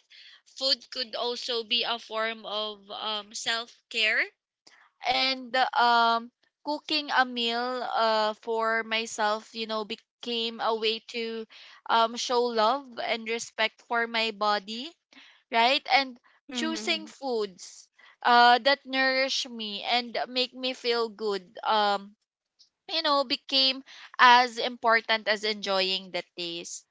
Speaker 2: food could also be a form of self care. And cooking a meal for myself, you know, became a way to show love and respect for my body, right? And
Speaker 1: Mhm.
Speaker 2: choosing foods that nourish me and make me feel good, you know, became as important as enjoying the taste.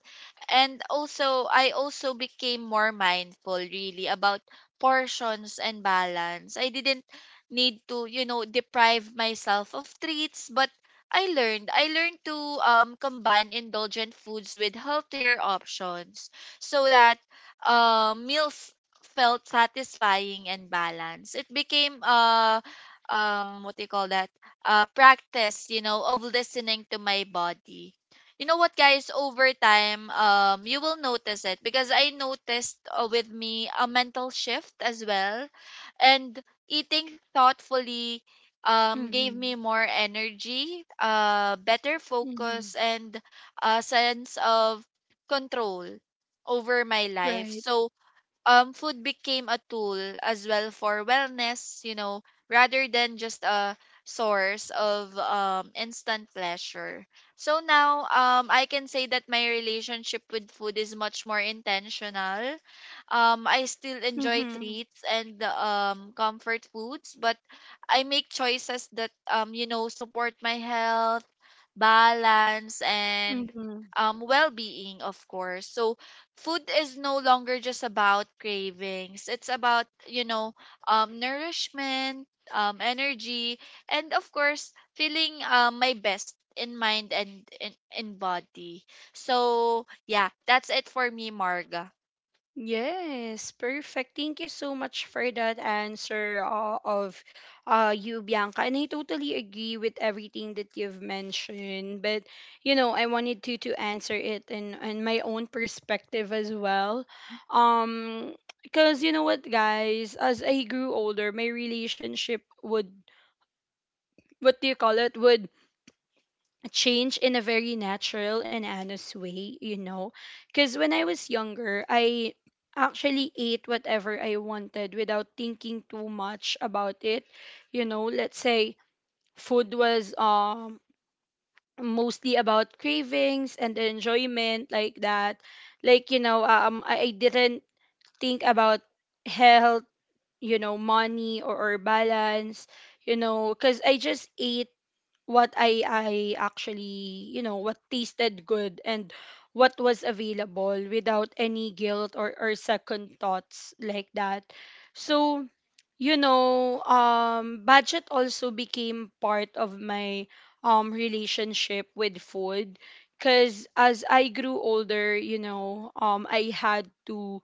Speaker 2: And also I also became more mindful really about portions and balance. I didn't need to, you know, deprive myself of treats, but I learned to combine indulgent foods with healthier options so that meals felt satisfying and balanced. It became what do you call that? Practice, you know, of listening to my body. You know what, guys, over time, you will notice it, because I noticed with me a mental shift as well. And eating thoughtfully gave
Speaker 1: Mhm.
Speaker 2: me more energy, better
Speaker 1: Mhm.
Speaker 2: focus, and a sense of control over my
Speaker 1: Right.
Speaker 2: life. So food became a tool as well for wellness, you know, rather than just a source of instant pleasure. So now I can say that my relationship with food is much more intentional. I still enjoy
Speaker 1: Mhm.
Speaker 2: treats and comfort foods, but I make choices that, you know, support my health, balance, and
Speaker 1: Mhm.
Speaker 2: well-being, of course. So food is no longer just about cravings, it's about, you know, nourishment, energy, and of course feeling my best in mind and in body. So yeah, that's it for me, Marga.
Speaker 1: Yes, perfect. Thank you so much for that answer of you, Bianca. And I totally agree with everything that you've mentioned. But, you know, I wanted to answer it in my own perspective as well. Um, because, you know what, guys, as I grew older, my relationship would, what do you call it, would change in a very natural and honest way, you know. Because when I was younger, I actually ate whatever I wanted without thinking too much about it. You know, let's say food was mostly about cravings and the enjoyment, like that. Like, you know, I didn't think about health, you know, money, or balance, you know, because I just ate what I actually, you know, what tasted good, and what was available, without any guilt or second thoughts, like that. So you know, budget also became part of my relationship with food. Cause as I grew older, you know, I had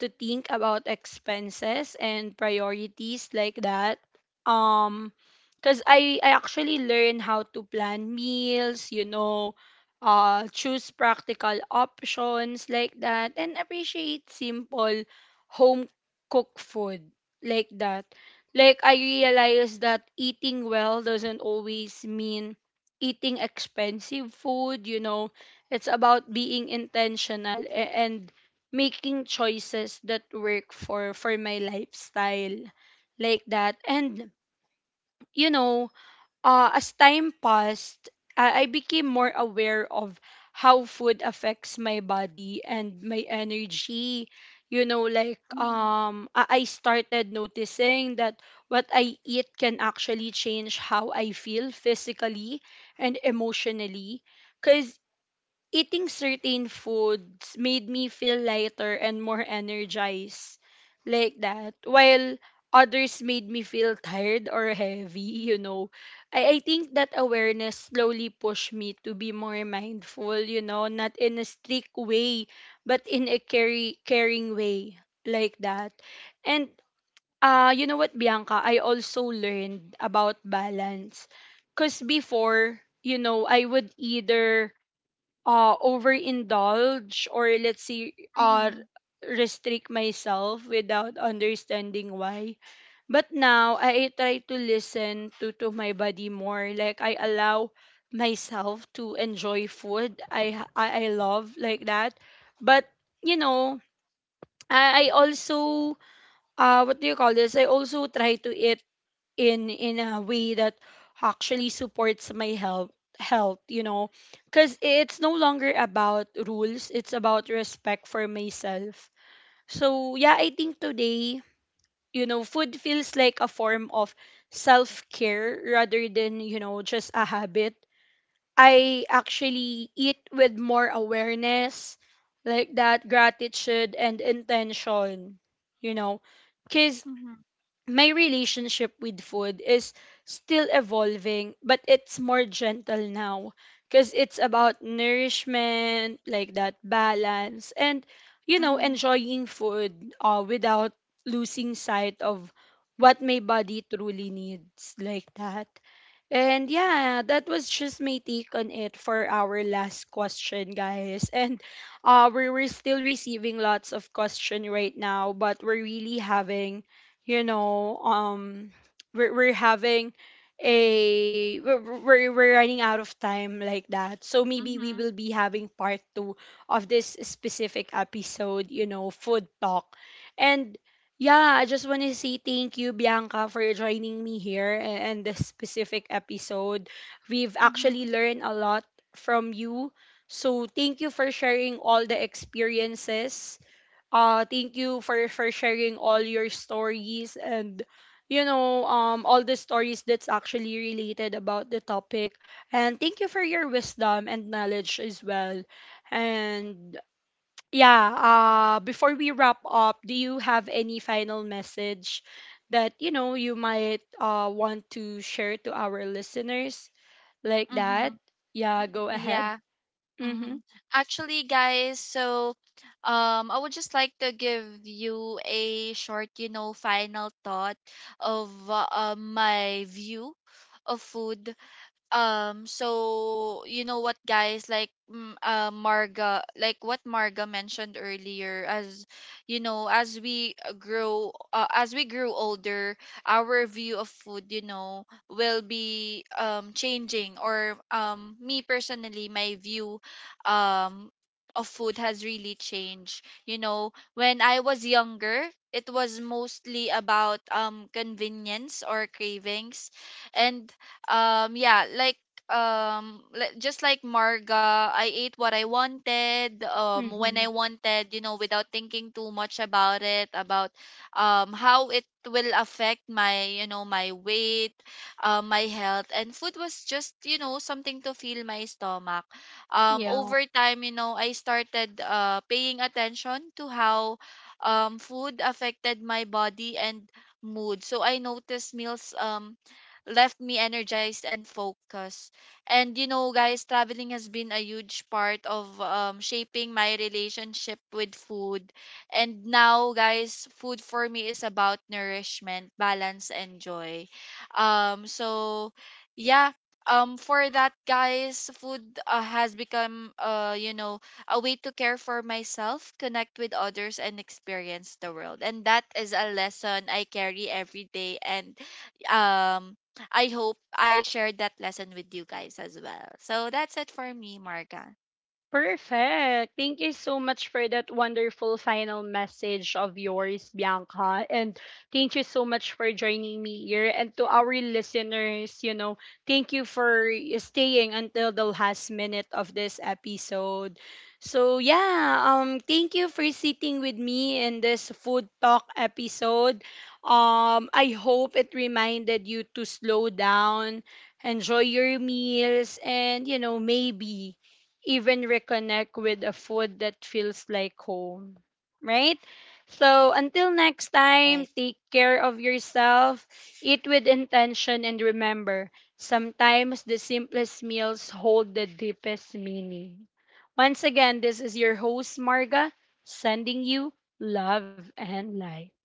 Speaker 1: to think about expenses and priorities, like that. Um, cause I actually learned how to plan meals, you know, choose practical options, like that, and appreciate simple home cooked food, like that. Like, I realized that eating well doesn't always mean eating expensive food, you know. It's about being intentional, and making choices that work for my lifestyle, like that. And you know, as time passed, I became more aware of how food affects my body and my energy. You know, like
Speaker 2: Mm-hmm.
Speaker 1: I started noticing that what I eat can actually change how I feel physically and emotionally. Cause eating certain foods made me feel lighter and more energized, like that, while others made me feel tired or heavy you know, I think that awareness slowly pushed me to be more mindful, you know, not in a strict way, but in a caring way, like that. And you know what, Bianca, I also learned about balance, because before, you know, I would either overindulge, or let's say
Speaker 2: Mm-hmm.
Speaker 1: restrict myself without understanding why. But now I try to listen to my body more. Like, I allow myself to enjoy food I I love, like that. But you know, I also what do you call this, I also try to eat in a way that actually supports my health, you know, because it's no longer about rules, it's about respect for myself. So yeah, I think today, you know, food feels like a form of self-care, rather than, you know, just a habit. I actually eat with more awareness, like that, gratitude and intention, you know, because
Speaker 2: Mm-hmm.
Speaker 1: my relationship with food is still evolving, but it's more gentle now, because it's about nourishment, like that, balance, and you know,
Speaker 2: Mm-hmm.
Speaker 1: enjoying food, without losing sight of what my body truly needs, like that. And yeah, that was just my take on it for our last question, guys. And we we're still receiving lots of question right now, but we're really having, you know, we're having a we're running out of time, like that. So maybe we will be having part 2 of this specific episode, you know, food talk. And yeah, I just want to say thank you, Bianca, for joining me here and this specific episode. We've actually learned a lot from you. So thank you for sharing all the experiences. Thank you for sharing all your stories and you know, all the stories that's actually related about the topic. And thank you for your wisdom and knowledge as well. And yeah, before we wrap up, do you have any final message that you know you might want to share to our listeners, like
Speaker 2: Mm-hmm.
Speaker 1: that? Yeah, go ahead. Mm-hmm.
Speaker 2: Hmm. Actually, guys, so I would just like to give you a short, you know, final thought of my view of food. So you know what, guys, like Marga, like what Marga mentioned earlier, as you know, as we grow as we grew older, our view of food, you know, will be changing. Or me personally, my view um of food has really changed. You know, when I was younger, it was mostly about convenience or cravings. And um yeah like just like Marga, I ate what I wanted, when I
Speaker 1: Mm-hmm.
Speaker 2: wanted, you know, without thinking too much about it, about how it will affect my, you know, my weight, my health. And food was just, you know, something to fill my stomach.
Speaker 1: Yeah.
Speaker 2: Over time, you know, I started paying attention to how food affected my body and mood. So I noticed meals left me energized and focused. And you know, guys, traveling has been a huge part of shaping my relationship with food. And now, guys, food for me is about nourishment, balance, and joy. So yeah. For that, guys, food has become, you know, a way to care for myself, connect with others, and experience the world. And that is a lesson I carry every day. And um I hope I shared that lesson with you guys as well. So that's it for me, Marga.
Speaker 1: Perfect. Thank you so much for that wonderful final message of yours, Bianca. And thank you so much for joining me here. And to our listeners, you know, thank you for staying until the last minute of this episode. So, yeah, thank you for sitting with me in this food talk episode. I hope it reminded you to slow down, enjoy your meals, and, you know, maybe even reconnect with a food that feels like home, right? So until next
Speaker 2: All
Speaker 1: time,
Speaker 2: right.
Speaker 1: take care of yourself, eat with intention, and remember, sometimes the simplest meals hold the deepest meaning. Once again, this is your host, Marga, sending you love and light.